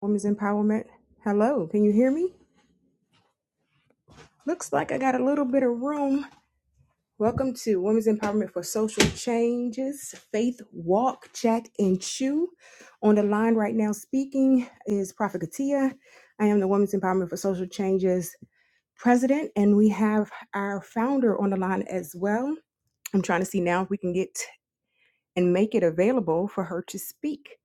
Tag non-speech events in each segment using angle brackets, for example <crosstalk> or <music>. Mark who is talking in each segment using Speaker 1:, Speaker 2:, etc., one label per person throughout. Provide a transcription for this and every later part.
Speaker 1: Women's Empowerment. Hello, can you hear me? Looks like I got a little bit of room. Welcome to Women's Empowerment for Social Changes, Faith Walk, Chat, and Chew. On the line right now speaking is Prophet Katia. I am the Women's Empowerment for Social Changes president, and we have our founder on the line as well. I'm trying to see now if we can get and make it available for her to speak.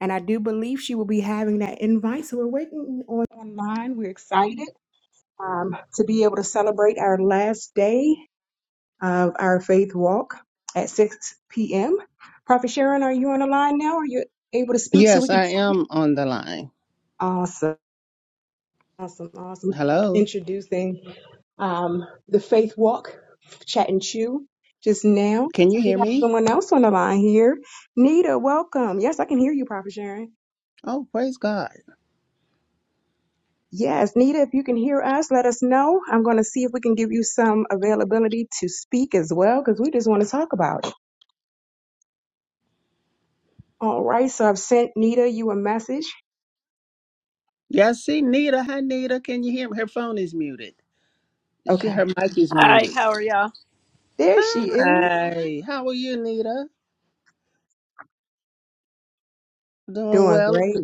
Speaker 1: And I do believe she will be having that invite. So we're waiting on online. We're excited. um, to be able to celebrate our last day of our faith walk at 6 p.m. Prophet Sharon, are you on the line now? Are you able to speak so
Speaker 2: Yes,
Speaker 1: we can?
Speaker 2: I am on the line.
Speaker 1: Awesome, awesome, awesome.
Speaker 2: Hello.
Speaker 1: Introducing um, the faith walk, chat and chew just now.
Speaker 2: Can
Speaker 1: So
Speaker 2: you
Speaker 1: we
Speaker 2: hear
Speaker 1: have
Speaker 2: me?
Speaker 1: someone else on the line here. Nita, welcome. Yes, I can hear you, Prophet Sharon.
Speaker 2: Oh, praise God.
Speaker 1: Yes, Nita, if you can hear us, let us know. I'm going to see if we can give you some availability to speak as well because we just want to talk about it. All right, so I've sent Nita you a message.
Speaker 2: Yes, see Nita. Hi Nita. Can you hear me? Her phone is muted. She
Speaker 1: Okay,
Speaker 2: her mic is
Speaker 3: Hi,
Speaker 2: muted.
Speaker 3: how are y'all?
Speaker 1: there she is.
Speaker 2: Hi. How are you, Nita? Doing
Speaker 1: Doing
Speaker 2: well.
Speaker 1: great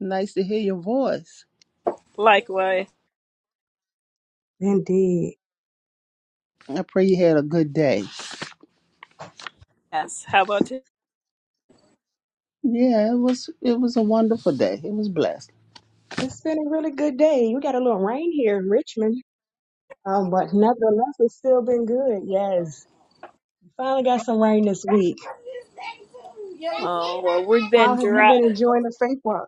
Speaker 2: Nice to hear your voice.
Speaker 3: Likewise.
Speaker 1: indeed.
Speaker 2: I pray you had a good day.
Speaker 3: Yes, how about you?
Speaker 2: Yeah, it was it was a wonderful day. It was blessed.
Speaker 1: It's been a really good day. We got a little rain here in Richmond, um, but nevertheless, it's still been good. Yes, finally got some rain this week.
Speaker 3: Oh, well, we've been
Speaker 1: How have you
Speaker 3: dry.
Speaker 1: been enjoying the faith walk?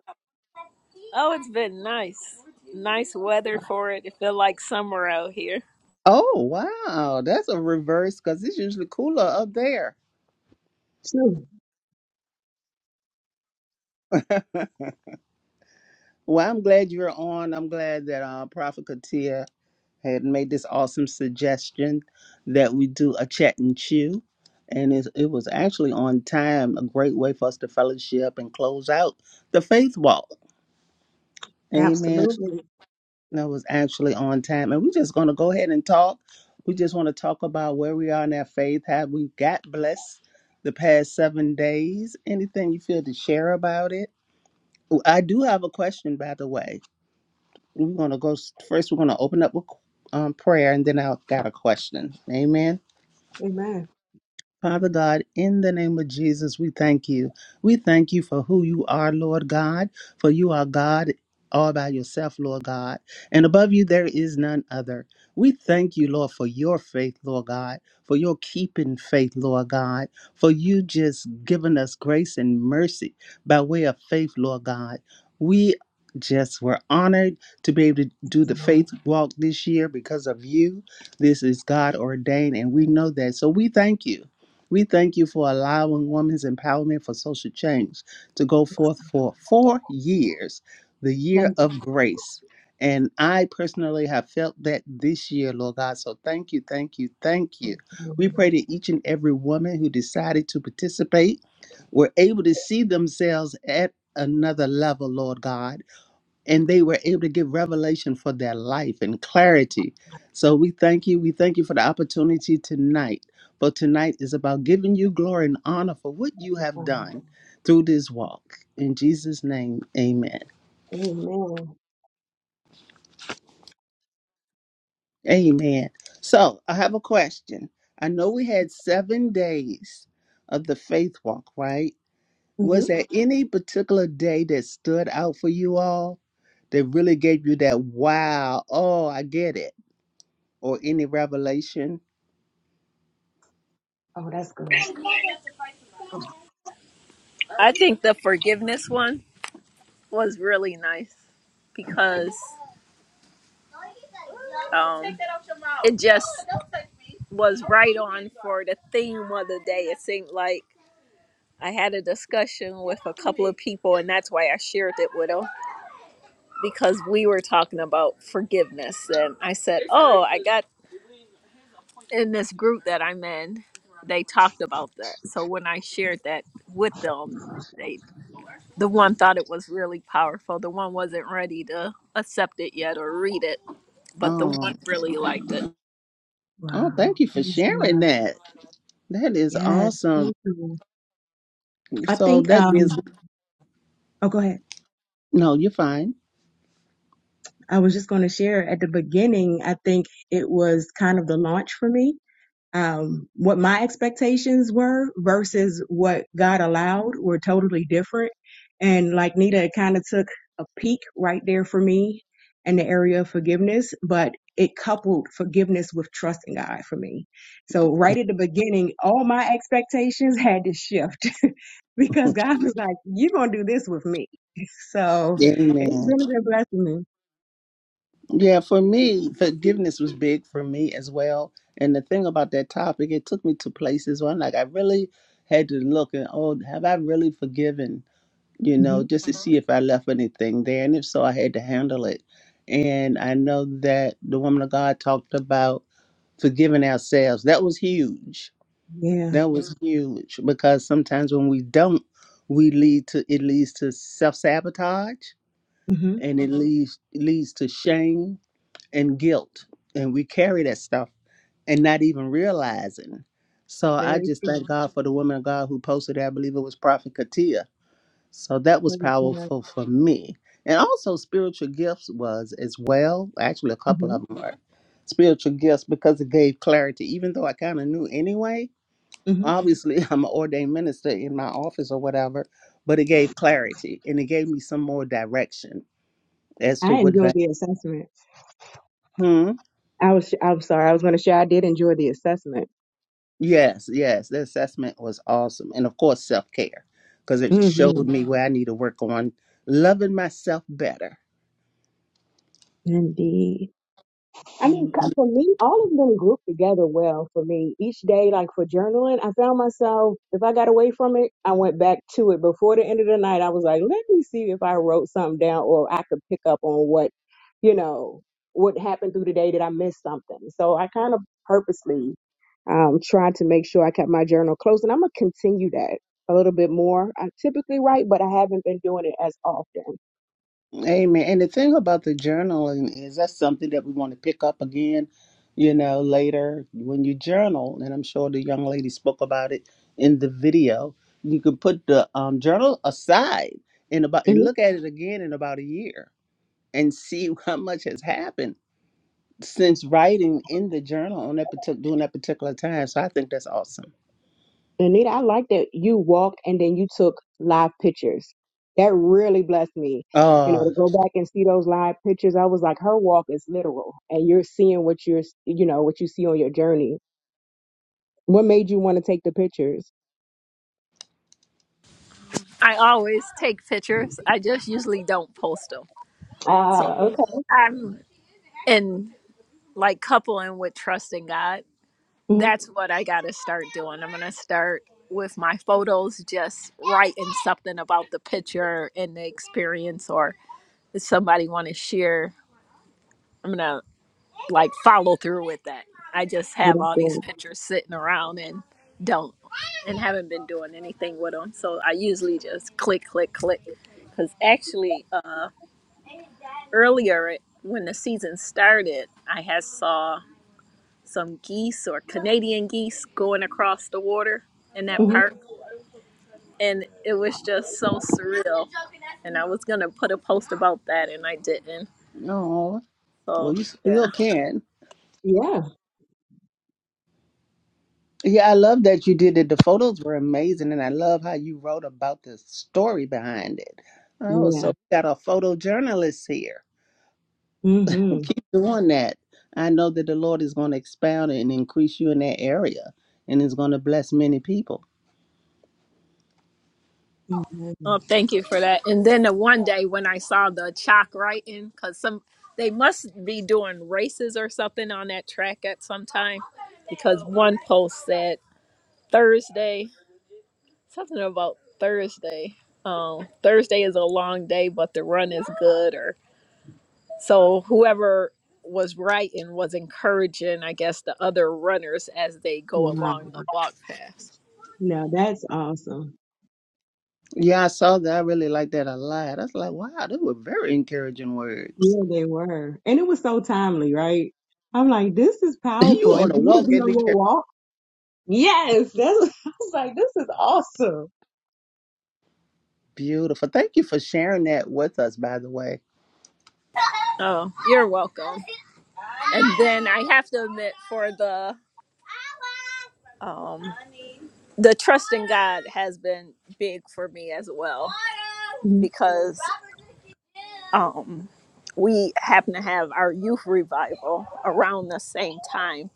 Speaker 3: Oh, it's been nice. Nice weather for it. It feel like summer out here.
Speaker 2: Oh wow, that's a reverse because it's usually cooler up there.
Speaker 1: Sure.
Speaker 2: Well, I'm glad you're on. I'm glad that uh, Prophet Katia had made this awesome suggestion that we do a chat and chew. And it, it was actually on time, a great way for us to fellowship and close out the faith walk. Amen.
Speaker 1: Absolutely.
Speaker 2: That was actually on time. And we're just going to go ahead and talk. We just want to talk about where we are in our faith, how we got blessed the past seven days. Anything you feel to share about it? Oh, I do have a question, by the way. We're going to go s- first, we're going to open up with um, prayer, and then I've got a question. Amen.
Speaker 1: Amen.
Speaker 2: Father God, in the name of Jesus, we thank you. We thank you for who you are, Lord God, for you are God all by yourself, Lord God. And above you, there is none other. We thank you, Lord, for your faith, Lord God, for your keeping faith, Lord God, for you just giving us grace and mercy by way of faith, Lord God. We just were honored to be able to do the faith walk this year because of you. This is God ordained, and we know that. So we thank you. We thank you for allowing Women's Empowerment for Social Change to go forth for four years, the year
Speaker 1: Thank
Speaker 2: of grace. And I personally have felt that this year, Lord God. So thank you, thank you, thank you.
Speaker 1: you.
Speaker 2: We pray that each and every woman who decided to participate were able to see themselves at another level, Lord God and they were able to give revelation for their life and clarity. So we thank you. We thank you for the opportunity tonight. For tonight is about giving you glory and honor for what you have
Speaker 1: Lord.
Speaker 2: done through this walk. In Jesus' name, amen.
Speaker 1: Amen.
Speaker 2: Amen. So I have a question. I know we had seven days of the faith walk, right?
Speaker 1: hmm
Speaker 2: Was there any particular day that stood out for you all that really gave you that wow? Oh, I get it or any revelation.
Speaker 1: Oh, that's good.
Speaker 3: I think the forgiveness one was really nice because um, it just was right on for the theme of the day. It seemed like I had a discussion with a couple of people, and that's why I shared it with them. because we were talking about forgiveness and I said, "Oh, I got in this group that I'm in, they talked about that." So when I shared that with them, they the one thought it was really powerful. The one wasn't ready to accept it yet or read it, but the
Speaker 2: Oh,
Speaker 3: one really liked it.
Speaker 2: oh,
Speaker 1: Wow.
Speaker 2: thank you for
Speaker 1: Praise
Speaker 2: sharing
Speaker 1: God.
Speaker 2: that. That is
Speaker 1: Yes.
Speaker 2: awesome.
Speaker 1: Thank you. I
Speaker 2: So
Speaker 1: think.
Speaker 2: that gives
Speaker 1: Um. Oh, go ahead.
Speaker 2: no, you're fine.
Speaker 1: I was just going to share at the beginning, I think it was kind of the launch for me. Um, what my expectations were versus what God allowed were totally different. And like Nita, it kind of took a peek right there for me in the area of forgiveness, but it coupled forgiveness with trusting God for me. So right at the beginning, all my expectations had to shift <laughs> because God was like, you're going to do this with me. <laughs> So it's
Speaker 2: Amen.
Speaker 1: really been blessing
Speaker 2: Yeah, for me, forgiveness was big for me as well. And the thing about that topic, it took me to places where I'm like, I really had to look and oh, have I really forgiven? You
Speaker 1: me.
Speaker 2: know, just to see if I left anything there, and if so, I had to handle it. And I know that the woman of God talked about forgiving ourselves. That was huge
Speaker 1: Yeah.
Speaker 2: That was Mhm. huge because sometimes when we don't, we lead to it leads to self sabotage
Speaker 1: hmm
Speaker 2: and it Mhm. leads leads to shame and guilt, and we carry that stuff and not even realizing. So I
Speaker 1: Very
Speaker 2: just
Speaker 1: true.
Speaker 2: thank God for the woman of God who posted. it. I believe it was Prophet Katia. So that was
Speaker 1: Mm-hmm.
Speaker 2: powerful for me, and also spiritual gifts was as well. Actually, a couple of them were spiritual gifts because it gave clarity, even though I kind of knew anyway
Speaker 1: hmm
Speaker 2: obviously <laughs> I'm an ordained minister in my office or whatever, but it gave clarity and it gave me some more direction as to
Speaker 1: I
Speaker 2: what
Speaker 1: enjoyed
Speaker 2: value.
Speaker 1: the assessment.
Speaker 2: Hmm.
Speaker 1: I was, I'm sorry, I was going to share. I did enjoy the assessment.
Speaker 2: Yes, yes, the assessment was awesome, and of course self care because it
Speaker 1: hmm
Speaker 2: showed me where I need to work on loving myself better.
Speaker 1: Indeed. I mean,
Speaker 2: Mm.
Speaker 1: c- for me, all of them group together well for me. Each day, like for journaling, I found myself, if I got away from it, I went back to it. Before the end of the night, I was like, let me see if I wrote something down or I could pick up on what, you know, what happened through the day that I missed something. So I kind of purposely um, tried to make sure I kept my journal close. And I'm going to continue that a little bit more. I typically write, but I haven't been doing it as often.
Speaker 2: Amen. And the thing about the journaling is that's something that we want to pick up again, you know, later when you journal. And I'm sure the young lady spoke about it in the video. You can put the um, journal aside and about and look at it again in about a year and see <laughs> how much has happened since writing in the journal on that particular during that particular time. So I think that's awesome.
Speaker 1: Anita, I like that you walked and then you took live pictures. That really blessed me. You know,
Speaker 2: Uh,
Speaker 1: to go back and see those live pictures, I was like, her walk is literal, and you're seeing what you're, you know, what you see on your journey. What made you want to take the pictures?
Speaker 3: I always take pictures. I just usually don't post them. So
Speaker 1: Ah, okay.
Speaker 3: I'm in like coupling with trusting God
Speaker 1: hmm
Speaker 3: That's what I got to start doing. I'm going to start with my photos, just writing something about the picture and the experience, or if somebody want to share, I'm going to like follow through with that. I just
Speaker 1: Well,
Speaker 3: have
Speaker 1: that's
Speaker 3: all these
Speaker 1: good.
Speaker 3: pictures sitting around and don't, and haven't been doing anything with them. So I usually just click, click, click. Because actually, uh, earlier when the season started, I had saw. some geese or Canadian geese going across the water in that
Speaker 1: hmm
Speaker 3: park. And it was just so surreal. And I was going to put a post about that and I didn't.
Speaker 2: no, well,
Speaker 3: So,
Speaker 2: you
Speaker 3: yeah.
Speaker 2: still can.
Speaker 1: Yeah,
Speaker 2: Yeah, I love that you did it. The photos were amazing, and I love how you wrote about the story behind it. Oh, so
Speaker 1: yeah.
Speaker 2: we got a photojournalist here
Speaker 1: hmm
Speaker 2: doing that. I know that the Lord is going to expound and increase you in that area, and is going to bless many people.
Speaker 3: Oh, thank you for that. And then the one day when I saw the chalk writing, because some they must be doing races or something on that track at some time, because one post said Thursday something about Thursday. Um, Thursday is a long day, but the run is good, Or So whoever was writing was encouraging, I guess, the other runners as they go
Speaker 1: Wow.
Speaker 3: along the walk path.
Speaker 1: No, that's awesome.
Speaker 2: Yeah, I saw that. I really like that a lot. I was like, wow, those were very encouraging words.
Speaker 1: Yeah,
Speaker 2: <laughs>
Speaker 1: they were. And it was so timely, right? I'm like, this is
Speaker 2: You
Speaker 1: powerful.
Speaker 2: want
Speaker 1: And for
Speaker 2: to
Speaker 1: you to
Speaker 2: walk
Speaker 1: be
Speaker 2: in
Speaker 1: on
Speaker 2: the
Speaker 1: your
Speaker 2: air.
Speaker 1: walk, yes, that's <laughs> I was like, this is awesome.
Speaker 2: Beautiful. Thank you for sharing that with us, by the way.
Speaker 3: Oh, you're welcome. And then I have to admit, for the um, the trust in God has been big for me as well
Speaker 1: Mhm.
Speaker 3: because um, we happen to have our youth revival around the same time,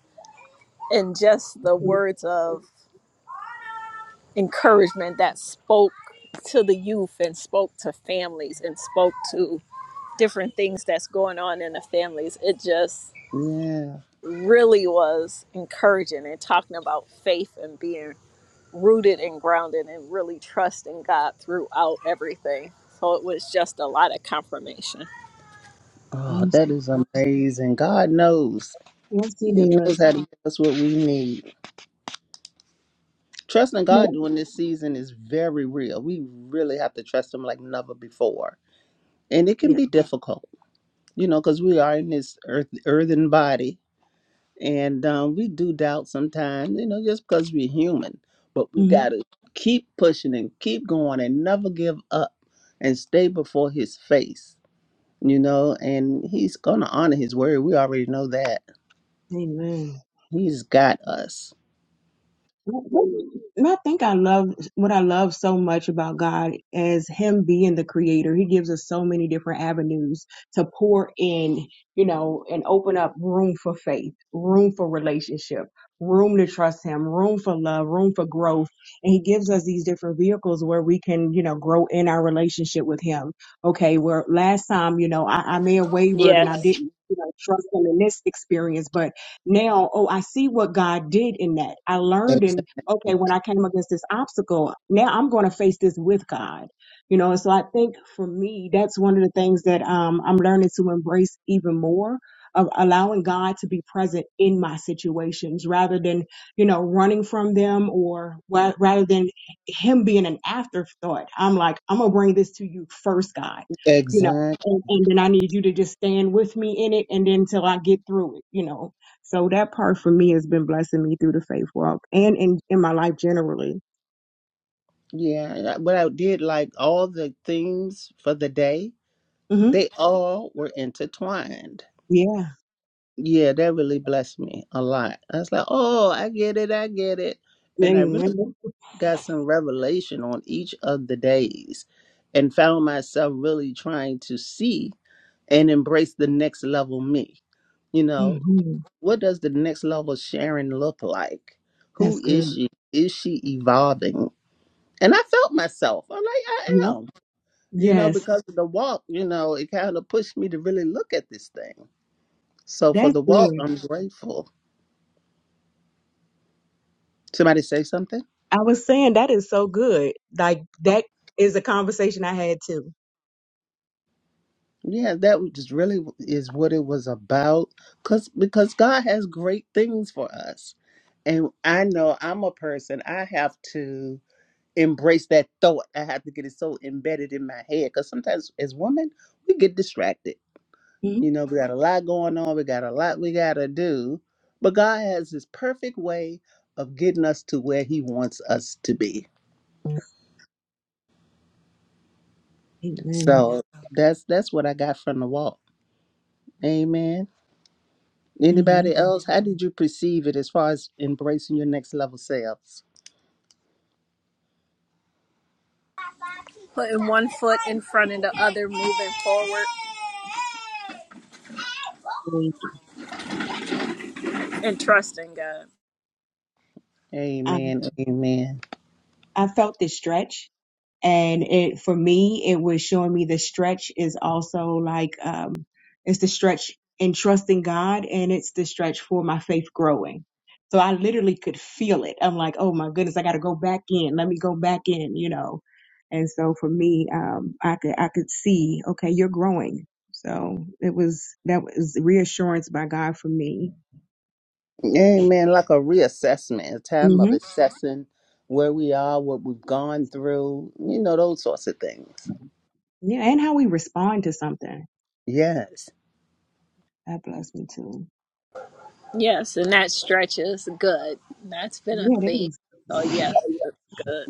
Speaker 3: and just the words of encouragement that spoke to the youth and spoke to families and spoke to different things that's going on in the families. It just
Speaker 2: Yeah.
Speaker 3: really was encouraging and talking about faith and being rooted and grounded and really trusting God throughout everything. So it was just a lot of confirmation.
Speaker 2: Oh,
Speaker 1: I'm
Speaker 2: that
Speaker 1: so-
Speaker 2: is amazing. God knows.
Speaker 1: Yes, he
Speaker 2: He knows
Speaker 1: does.
Speaker 2: how to give us what we need. Trusting God
Speaker 1: No.
Speaker 2: during this season is very real. We really have to trust Him like never before. And it can
Speaker 1: Yeah.
Speaker 2: be difficult, you know, because we are in this earth, earthen body and um, we do doubt sometimes, you know, just because we're human. But we
Speaker 1: hmm
Speaker 2: got to keep pushing and keep going and never give up and stay before His face, you know, and He's going to honor His word. We already know that.
Speaker 1: Amen.
Speaker 2: He's got us.
Speaker 1: And I think I love what I love so much about God as Him being the creator. He gives us so many different avenues to pour in, you know, and open up room for faith, room for relationship, room to trust Him, room for love, room for growth. And He gives us these different vehicles where we can, you know, grow in our relationship with Him. Okay, where last time, you know, I, I may have wavered and I
Speaker 3: Yes.
Speaker 1: didn't, you know, trust Him in this experience, but now, oh, I see what God did in that. I learned
Speaker 2: Ex-
Speaker 1: and okay, when I came against this obstacle, now I'm going to face this with God. You know, and so I think for me, that's one of the things that um, I'm learning to embrace even more of allowing God to be present in my situations rather than, you know, running from them or wa- rather than Him being an afterthought. I'm like, I'm going to bring this to you first, God, you know,
Speaker 2: Exactly.
Speaker 1: and, and then I need you to just stand with me in it and then until I get through it, you know so that part for me has been blessing me through the faith walk and in, in my life generally.
Speaker 2: Yeah, and I- what I did like all the themes for the day,
Speaker 1: hmm
Speaker 2: they all were intertwined.
Speaker 1: Yeah.
Speaker 2: Yeah, that really blessed me a lot. I was like, oh, I get it, I get it. And I really
Speaker 1: Amen.
Speaker 2: got some revelation on each of the days and found myself really trying to see and embrace the next level me. You know,
Speaker 1: hmm
Speaker 2: what does the next level Sharon look like? Who
Speaker 1: That's
Speaker 2: is
Speaker 1: good.
Speaker 2: she? Is she evolving? And I felt myself. I'm like, I
Speaker 1: Yep.
Speaker 2: am. you know,
Speaker 1: Yes.
Speaker 2: because of the walk, you know, it kind of pushed me to really look at this thing. So for
Speaker 1: That's
Speaker 2: the walk,
Speaker 1: good.
Speaker 2: I'm grateful. Somebody say something?
Speaker 1: I was saying that is so good. Like that is a conversation I had too.
Speaker 2: Yeah, that was just really is what it was about. Cause because God has great things for us, and I know I'm a person. I have to embrace that thought. I have to get it so embedded in my head. Cause sometimes as women, we get distracted
Speaker 1: hmm
Speaker 2: You know, we got a lot going on. We got a lot we got to do. But God has his perfect way of getting us to where he wants us to be.
Speaker 1: Amen.
Speaker 2: So that's that's what I got from the walk. Amen.
Speaker 1: Amen.
Speaker 2: Anybody else? How did you perceive it as far as embracing your next level selves?
Speaker 3: Putting one foot in front of the other, moving forward and trusting God.
Speaker 1: I,
Speaker 2: Amen. Amen.
Speaker 1: I felt this stretch and it for me it was showing me the stretch is also like um it's the stretch in trusting god and it's the stretch for my faith growing so i literally could feel it i'm like oh my goodness i gotta go back in let me go back in you know and so for me um i could i could see okay you're growing so it was that was reassurance by god for me
Speaker 2: Amen. Like a reassessment, a time of
Speaker 1: hmm
Speaker 2: assessing where we are, what we've gone through, you know, those sorts of things.
Speaker 1: yeah and how we respond to something
Speaker 2: Yes.
Speaker 1: that blessed me too
Speaker 3: Yes, and that stretches good. That's been a
Speaker 1: yeah it
Speaker 3: theme.
Speaker 1: is
Speaker 3: So yes, it's good.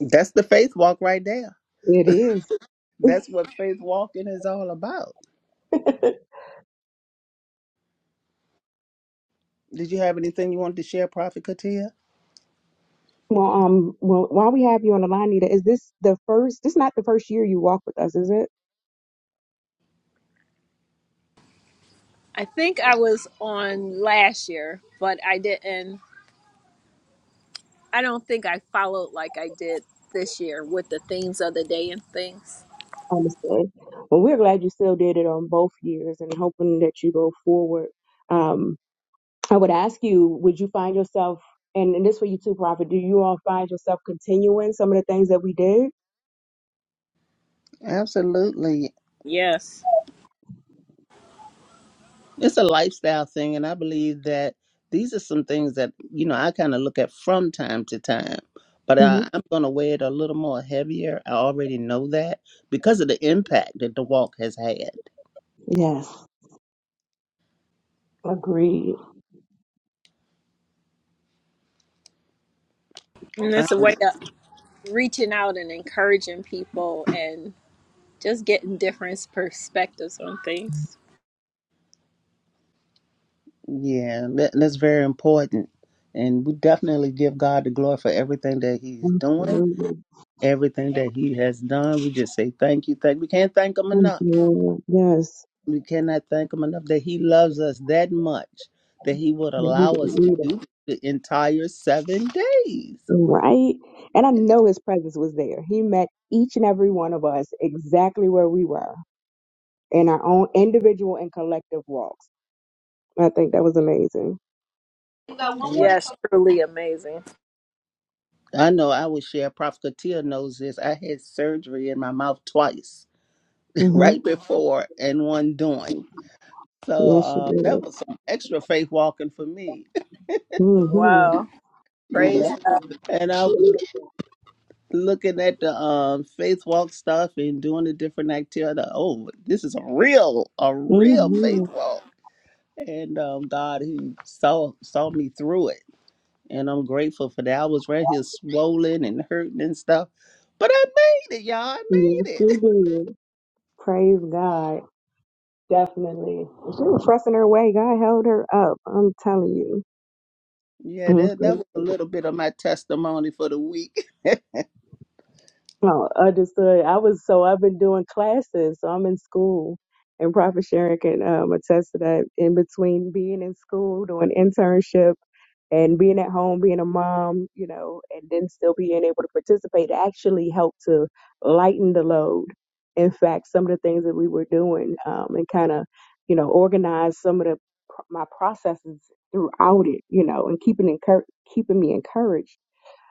Speaker 2: That's the faith walk right there.
Speaker 1: It is.
Speaker 2: That's what faith walking is all about.
Speaker 1: <laughs>
Speaker 2: Did you have anything you wanted to share, Prophet Katia?
Speaker 1: Well, um, well, while we have you on the line, Nita, is this the first? This not the first year you walk with us, is it?
Speaker 3: I think I was on last year, but I didn't I don't think I followed like I did this year with the themes of the day and things.
Speaker 1: Understood. Well, we're glad you still did it on both years, and hoping that you go forward. Um, I would ask you, would you find yourself, and, and this for you too, Prophet, do you all find yourself continuing some of the things that we did?
Speaker 2: Absolutely.
Speaker 3: Yes.
Speaker 2: It's a lifestyle thing, and I believe that these are some things that, you know, I kind of look at from time to time. But
Speaker 1: hmm
Speaker 2: I, I'm going to weigh it a little more heavier. I already know that because of the impact that the walk has had.
Speaker 1: Yes. Agreed.
Speaker 3: And
Speaker 2: I-
Speaker 3: it's a way of reaching out and encouraging people and just getting different perspectives on things.
Speaker 2: yeah, that, that's very important. And we definitely give God the glory for everything that He's doing,
Speaker 1: Absolutely.
Speaker 2: everything that He has done. We just say thank you, thank. We can't thank Him
Speaker 1: Thank
Speaker 2: enough.
Speaker 1: you, Lord. Yes.
Speaker 2: We cannot thank him enough that he loves us that much that he would
Speaker 1: We
Speaker 2: allow
Speaker 1: would
Speaker 2: us to
Speaker 1: read it.
Speaker 2: do the entire seven days.
Speaker 1: Right? And I know his presence was there. He met each and every one of us exactly where we were. in our own individual and collective walks. I think that was amazing.
Speaker 2: And
Speaker 3: Yes, truly amazing.
Speaker 2: I know I would share, Prophet Katia knows this. I had surgery in my mouth twice, <laughs>
Speaker 1: hmm
Speaker 2: right before and one during. So
Speaker 1: Yes, she
Speaker 2: uh, that
Speaker 1: did.
Speaker 2: was some extra faith walking for me,
Speaker 1: hmm
Speaker 3: Wow.
Speaker 2: <laughs>
Speaker 1: Yes,
Speaker 2: you
Speaker 3: Praise.
Speaker 2: know. And I was looking at the um, faith walk stuff and doing the different activity. Oh, this is a real, a real
Speaker 1: hmm
Speaker 2: faith walk and um, God, He saw saw me through it, and I'm grateful for that. I was right here swollen and hurting and stuff, but I made it, y'all. I
Speaker 1: yes
Speaker 2: made
Speaker 1: she
Speaker 2: it. <laughs>
Speaker 1: did. Praise God. Definitely. She was pressing her way. God held her up. I'm telling you.
Speaker 2: Yeah,
Speaker 1: I'm
Speaker 2: that that was a
Speaker 1: grateful.
Speaker 2: little bit of my testimony for the week.
Speaker 1: Oh, understood. I was so I've been doing classes, so I'm in school. And Prophet Sharon can um, attest to that in between being in school, doing internship. and being at home, being a mom, you know, and then still being able to participate actually helped to lighten the load. In fact, some of the things that we were doing um, and kind of, you know, organize some of the my processes throughout it, you know, and keeping encour- keeping me encouraged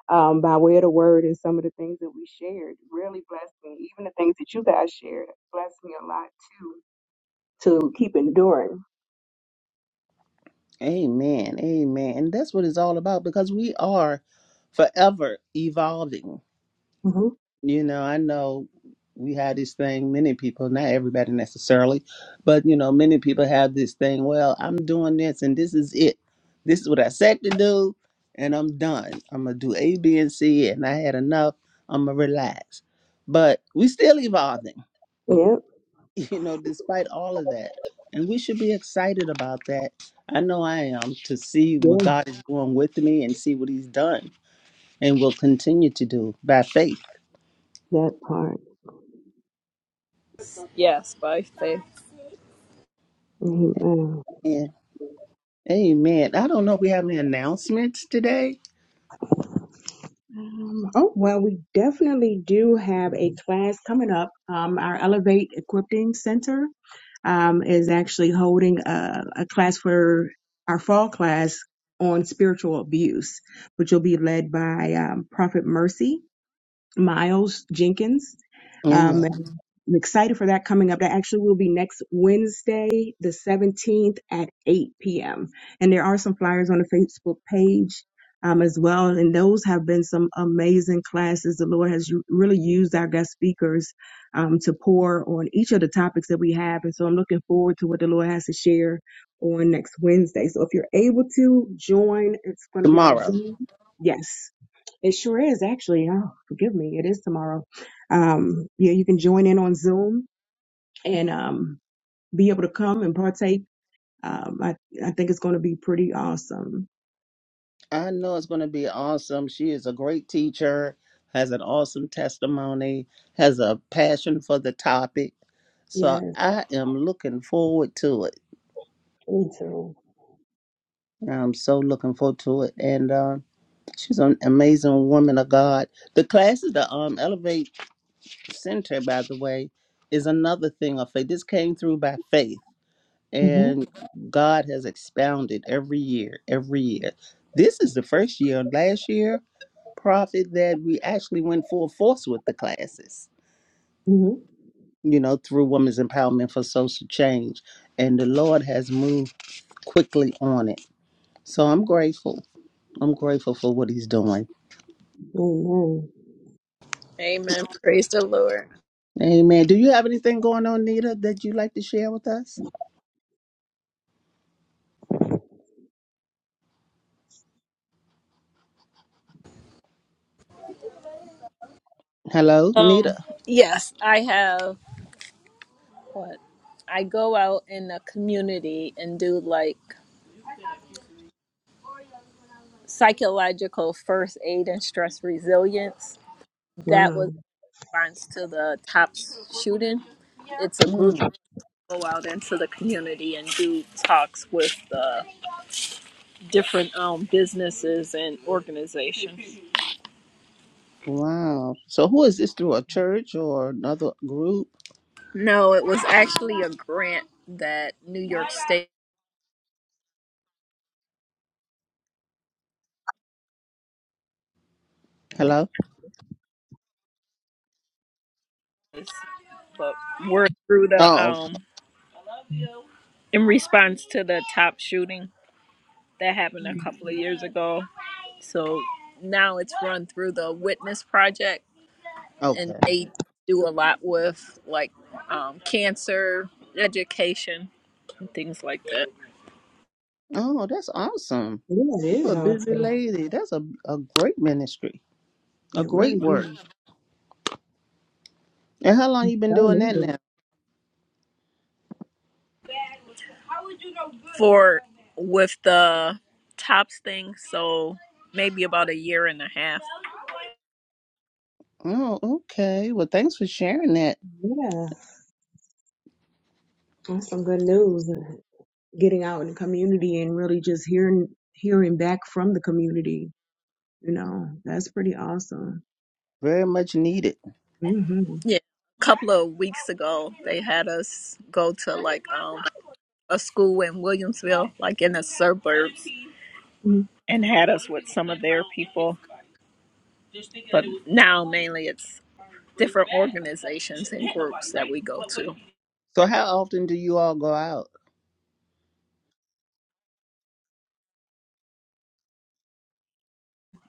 Speaker 1: um, by way of the word and some of the things that we shared really blessed me. Even the things that you guys shared blessed me a lot too to keep enduring.
Speaker 2: <laughs> Amen, amen. And that's what it's all about because we are forever evolving.
Speaker 1: hmm
Speaker 2: you know, I know we have this thing, many people, not everybody necessarily, but you know, many people have this thing, well, I'm doing this and this is it. This is what I said to do, and I'm done. I'm gonna do A, B, and C, and I had enough. I'm gonna relax. But we still evolving,
Speaker 1: Yeah,
Speaker 2: <laughs> you know, despite all of that. And we should be excited about that. I know I am to see what
Speaker 1: yeah,
Speaker 2: God is doing with me and see what He's done and will continue to do by faith.
Speaker 1: that part.
Speaker 3: Yes, by faith.
Speaker 1: Amen.
Speaker 2: Amen. I don't know if we have any announcements today.
Speaker 1: Um, oh, well, we definitely do have a class coming up. Um, our Elevate Equipping Center um, is actually holding a, a class for our fall class on spiritual abuse, which will be led by um, Prophet Mercy. Miles Jenkins. Um, and
Speaker 2: Amen.
Speaker 1: I'm excited for that coming up. That actually will be next Wednesday, the 17th at 8 p.m. And there are some flyers on the Facebook page um, as well. And those have been some amazing classes. The Lord has really used our guest speakers um, to pour on each of the topics that we have. And so I'm looking forward to what the Lord has to share on next Wednesday. So if you're able to join, it's going to be on
Speaker 2: Tomorrow.
Speaker 1: Zoom. Yes. It sure is actually. Oh, forgive me. It is tomorrow. Um, yeah, you can join in on Zoom and um, be able to come and partake. Um, I, I think it's going to be pretty awesome.
Speaker 2: I know it's going to be awesome. She is a great teacher, has an awesome testimony, has a passion for the topic. So
Speaker 1: Yes,
Speaker 2: I am looking forward to it.
Speaker 1: me too.
Speaker 2: I'm so looking forward to it. And uh, she's an amazing woman of God. The classes, the um, Elevate Center, by the way, is another thing of faith. This came through by faith
Speaker 1: hmm
Speaker 2: and God has expounded every year, every year. This is the first year, last year, Prophet, that we actually went full force with the classes,
Speaker 1: hmm
Speaker 2: you know, through Women's Empowerment for Social Change. And the Lord has moved quickly on it. So I'm grateful. I'm grateful for what He's doing.
Speaker 1: Amen.
Speaker 3: Amen. Praise the Lord.
Speaker 2: Amen. Do you have anything going on, Nita, that you'd like to share with us? Hello, Nita.
Speaker 3: Um, yes, I have what I go out in the community and do like psychological first aid and stress resilience. That
Speaker 1: Wow.
Speaker 3: was in response to the tops shooting. It's a group
Speaker 2: Mm,
Speaker 3: that go out into the community and do talks with uh, different um, businesses and organizations.
Speaker 2: Wow. So who is this through a church or another group?
Speaker 3: No, it was actually a grant that New York State
Speaker 2: Hello?
Speaker 3: is, but we're through the
Speaker 2: Oh,
Speaker 3: um, in response to the top shooting that happened a
Speaker 1: Mm.
Speaker 3: couple of years ago. So now it's run through the Witness Project, and
Speaker 2: okay.
Speaker 3: they do a lot with like um, cancer education and things like that.
Speaker 2: Oh, that's awesome.
Speaker 1: Yeah, it
Speaker 2: You're
Speaker 1: is
Speaker 2: a busy
Speaker 1: awesome.
Speaker 2: lady. That's a, a great ministry. A
Speaker 1: It really
Speaker 2: great work.
Speaker 1: is.
Speaker 2: And how long you
Speaker 1: I
Speaker 2: been doing
Speaker 1: need
Speaker 2: that
Speaker 1: it.
Speaker 2: now?
Speaker 3: For with the tops thing, so maybe about a year and a half.
Speaker 2: Oh, okay. Well, thanks for sharing that.
Speaker 1: Yeah, that's some good news. uh, Getting out in the community and really just hearing hearing back from the community. You know, that's pretty awesome.
Speaker 2: Very much needed.
Speaker 1: hmm
Speaker 3: Yeah, a couple of weeks ago, they had us go to like um a school in Williamsville, like in the suburbs, and had us with some of their people. But now mainly it's different organizations and groups that we go to.
Speaker 2: So how often do you all go out?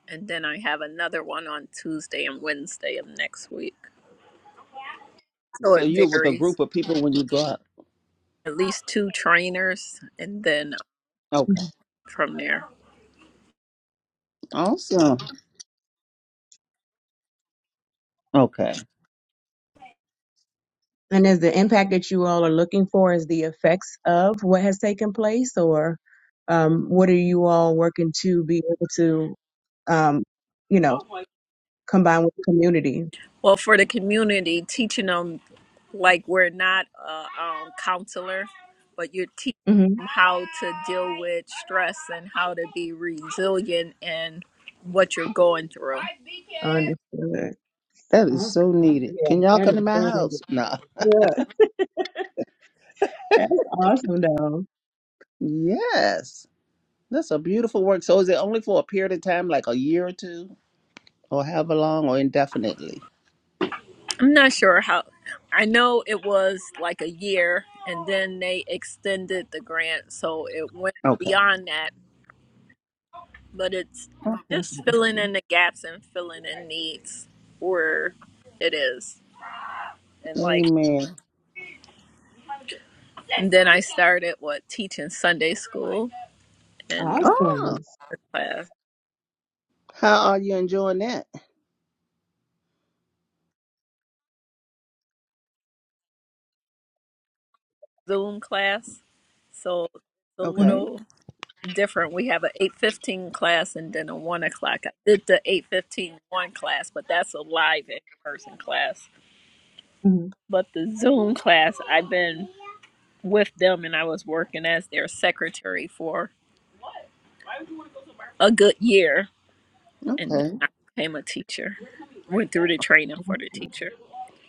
Speaker 3: And then I have another one on Tuesday and Wednesday of next week. So
Speaker 2: So
Speaker 3: it
Speaker 2: you're with a group
Speaker 3: varies.
Speaker 2: of people when you go out?
Speaker 3: At least two trainers, and then
Speaker 2: Okay.
Speaker 3: from there.
Speaker 2: Awesome. Okay.
Speaker 1: And is the impact that you all are looking for is the effects of what has taken place, or um, what are you all working to be able to, um, you know, combine with the community?
Speaker 3: Well, for the community, teaching them like we're not a um, counselor, but you're teaching
Speaker 1: hmm
Speaker 3: them how to deal with stress and how to be resilient in what you're going through.
Speaker 1: Understood.
Speaker 2: That is
Speaker 1: Awesome.
Speaker 2: so needed.
Speaker 1: Yeah,
Speaker 2: Can y'all
Speaker 1: that
Speaker 2: come to
Speaker 1: is
Speaker 2: my
Speaker 1: so good.
Speaker 2: house? Nah.
Speaker 1: Yeah, that's awesome, though.
Speaker 2: Yes. That's a beautiful work. So is it only for a period of time, like a year or two? Or however long or indefinitely?
Speaker 3: I'm not sure how. I know it was like a year, and then they extended the grant, so it went
Speaker 2: Okay.
Speaker 3: beyond that. But it's
Speaker 1: That's
Speaker 3: just filling
Speaker 1: awesome.
Speaker 3: in the gaps and filling in needs where it is, and like.
Speaker 2: Amen.
Speaker 3: And then I started what teaching Sunday school and
Speaker 2: Oh,
Speaker 1: Awesome.
Speaker 3: class,
Speaker 2: how are you enjoying that?
Speaker 3: Zoom class. So it's a
Speaker 1: hmm
Speaker 2: Okay.
Speaker 3: little different. We have an eight fifteen class and then a one o'clock. I did the eight fifteen one class, but that's a live in person class.
Speaker 1: hmm
Speaker 3: But the Zoom class, I've been with them and I was working as their secretary for a good year, and then
Speaker 2: Okay.
Speaker 3: I became a teacher. Went through the training for the
Speaker 1: Yeah,
Speaker 3: teacher.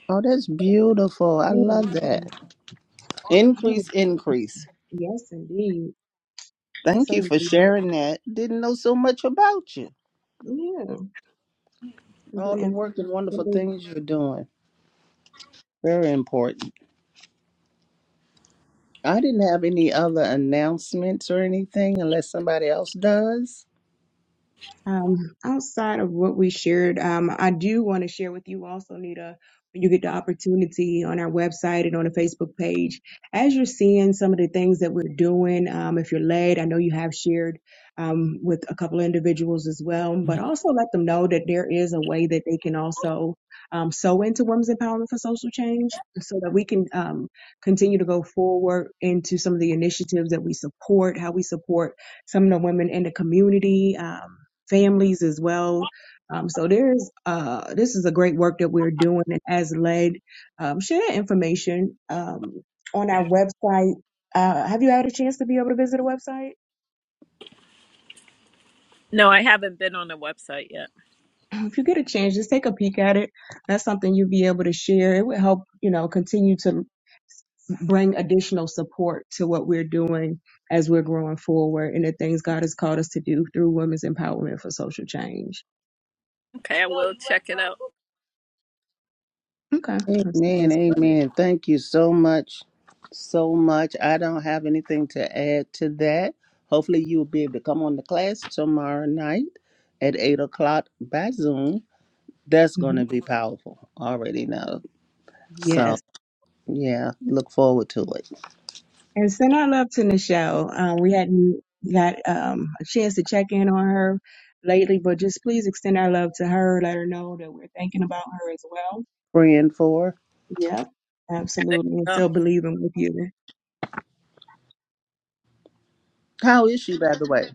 Speaker 2: Oh, that's beautiful. I love
Speaker 1: that
Speaker 2: that.
Speaker 1: is- I
Speaker 2: Increase,
Speaker 1: would-
Speaker 2: increase.
Speaker 1: yes, indeed.
Speaker 2: Thank you
Speaker 1: So,
Speaker 2: for
Speaker 1: indeed.
Speaker 2: sharing that. Didn't know so much about you.
Speaker 1: yeah. Is that
Speaker 2: All the work and wonderful
Speaker 1: information?
Speaker 2: things you're doing. Very important. I didn't have any other announcements or anything unless somebody else does.
Speaker 1: Um, outside of what we shared, um, I do want to share with you also, Nita, when you get the opportunity on our website and on the Facebook page, as you're seeing some of the things that we're doing, um, if you're led, I know you have shared um, with a couple of individuals as well, but also let them know that there is a way that they can also um, sow into Women's Empowerment for Social Change so that we can um, continue to go forward into some of the initiatives that we support, how we support some of the women in the community. Um, families as well. Um, so there's uh, this is a great work that we're doing and as led. Um, share information um, on our website. Uh, have you had a chance to be able to visit the website?
Speaker 3: No, I haven't been on the website yet.
Speaker 1: <clears throat> If you get a chance, just take a peek at it. That's something you'll be able to share. It would help, you know, continue to bring additional support to what we're doing as we're growing forward and the things God has called us to do through women's empowerment for social change.
Speaker 3: Okay, I will check it out.
Speaker 1: Okay, that's,
Speaker 2: Amen.
Speaker 1: that's great.
Speaker 2: Amen. Thank you so much. So much. I don't have anything to add to that. Hopefully, you'll be able to come on the class tomorrow night at 8 o'clock by Zoom. That's going
Speaker 1: hmm
Speaker 2: to be powerful. Already know.
Speaker 1: Yes.
Speaker 2: So, yeah, look forward to it.
Speaker 1: And send our love to Nichelle. Um, we hadn't got um, a chance to check in on her lately, but just please extend our love to her. Let her know that we're thinking about her as well.
Speaker 2: Praying for.
Speaker 1: Yep,
Speaker 3: There
Speaker 1: absolutely. And still believing with you.
Speaker 2: How is she, by the way?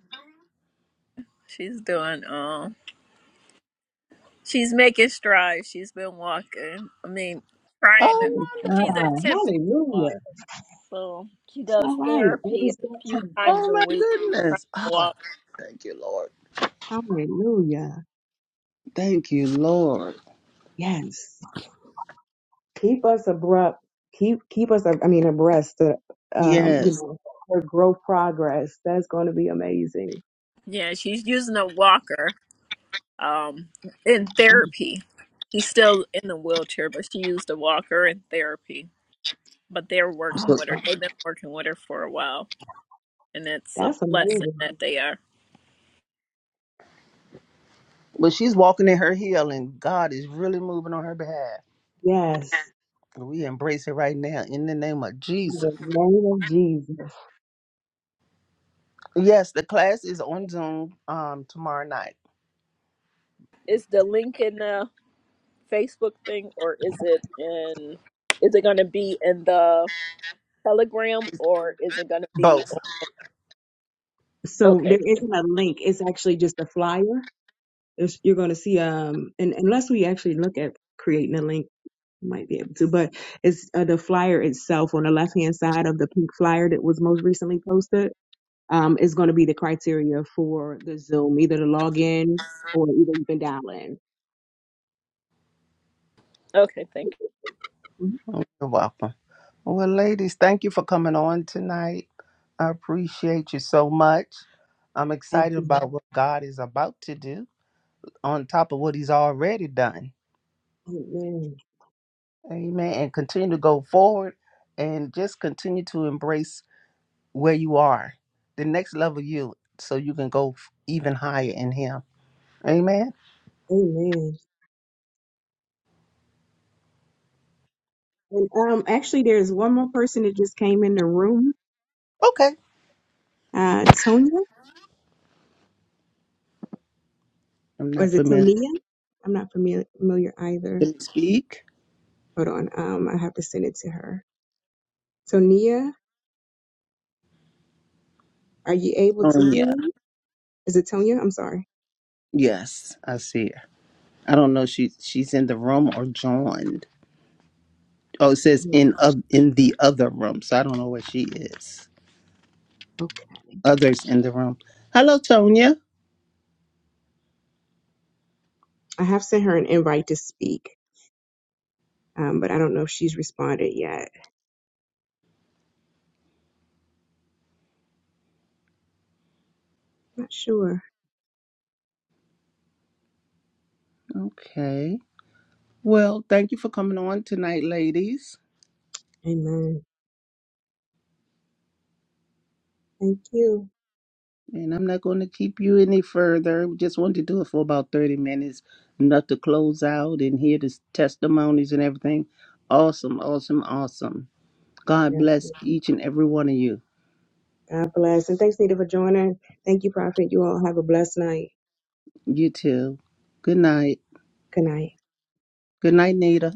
Speaker 3: She's doing um she's making strides. She's been walking. I mean, trying to
Speaker 2: Oh,
Speaker 1: Praise
Speaker 3: she's
Speaker 2: wonderful.
Speaker 1: God.
Speaker 3: attempting to walk.
Speaker 1: Hallelujah.
Speaker 3: So she
Speaker 1: It's all
Speaker 3: does
Speaker 1: right. It
Speaker 3: therapy
Speaker 1: is
Speaker 3: a
Speaker 1: that
Speaker 3: few
Speaker 1: time.
Speaker 3: times
Speaker 2: Oh,
Speaker 3: a
Speaker 2: my
Speaker 3: week trying
Speaker 2: goodness.
Speaker 3: to
Speaker 2: Oh,
Speaker 3: walk.
Speaker 2: thank you, Lord.
Speaker 1: Hallelujah.
Speaker 2: Thank you, Lord.
Speaker 1: Yes. Keep us abrupt. Keep keep us. I mean, abreast. Of, um, you
Speaker 2: Yes.
Speaker 1: know, her growth progress. That's going to be amazing.
Speaker 3: Yeah, she's using a walker um in
Speaker 1: That's
Speaker 3: therapy. She's still in the wheelchair, but she used a walker in therapy. But they're working with her.
Speaker 1: awesome.
Speaker 3: They've been working with her for a while. And it's a
Speaker 1: That's
Speaker 3: blessing
Speaker 1: amazing.
Speaker 3: that they are.
Speaker 2: But she's walking in her heel, and God is really moving on her behalf.
Speaker 1: Yes.
Speaker 2: We embrace it right now in the name of
Speaker 1: In
Speaker 2: Jesus.
Speaker 1: the name of Jesus.
Speaker 2: Yes, the class is on Zoom um tomorrow night.
Speaker 3: It's the Lincoln. Uh, Facebook thing or is it in is it going to be in the Telegram or is it going to be
Speaker 2: Both.
Speaker 1: So there
Speaker 3: okay.
Speaker 1: isn't a link. It's actually just a flyer. It's, you're going to see, um, and unless we actually look at creating a link, we might be able to, but it's uh, the flyer itself on the left hand side of the pink flyer that was most recently posted. Um, is going to be the criteria for the Zoom, either to log in or either you can dial in.
Speaker 3: Okay, thank you.
Speaker 1: Mhm.
Speaker 2: You're welcome. Well, ladies, thank you for coming on tonight. I appreciate you so much. I'm
Speaker 1: Thank
Speaker 2: excited
Speaker 1: you.
Speaker 2: about what God is about to do on top of what He's already done.
Speaker 1: Amen.
Speaker 2: Amen. And continue to go forward and just continue to embrace where you are, the next level you, so you can go f- even higher in Him. Amen.
Speaker 1: Amen. And um, actually, there's one more person that just came in the room.
Speaker 2: Okay.
Speaker 1: Uh, Tonya,
Speaker 2: I'm
Speaker 1: or is
Speaker 2: not
Speaker 1: it
Speaker 2: familiar.
Speaker 1: Tonia? I'm not familiar, familiar either.
Speaker 2: Can you speak?
Speaker 1: Hold on. Um, I have to send it to her. Tonia, are you able to hear
Speaker 2: Sonia.
Speaker 1: me? Is it Tonya? I'm sorry.
Speaker 2: Yes, I see her. I don't know if she she's in the room or joined. Oh, it says
Speaker 1: Yeah,
Speaker 2: in of in the other room, so I don't know where she is.
Speaker 1: Okay.
Speaker 2: Others in the room. Hello, Tonya.
Speaker 1: I have sent her an invite to speak, um, but I don't know if she's responded yet. Not sure.
Speaker 2: Okay. Well, thank you for coming on tonight, ladies.
Speaker 1: Amen. Thank you.
Speaker 2: And I'm not going to keep you any further. We just wanted to do it for about 30 minutes, enough to close out and hear the testimonies and everything. Awesome, awesome, awesome. God
Speaker 1: Yes.
Speaker 2: bless each and every one of you.
Speaker 1: God bless. And thanks, Nita, for joining. Thank you, Prophet. You all have a blessed night.
Speaker 2: You too. Good night.
Speaker 1: Good night.
Speaker 2: Good night, Nita.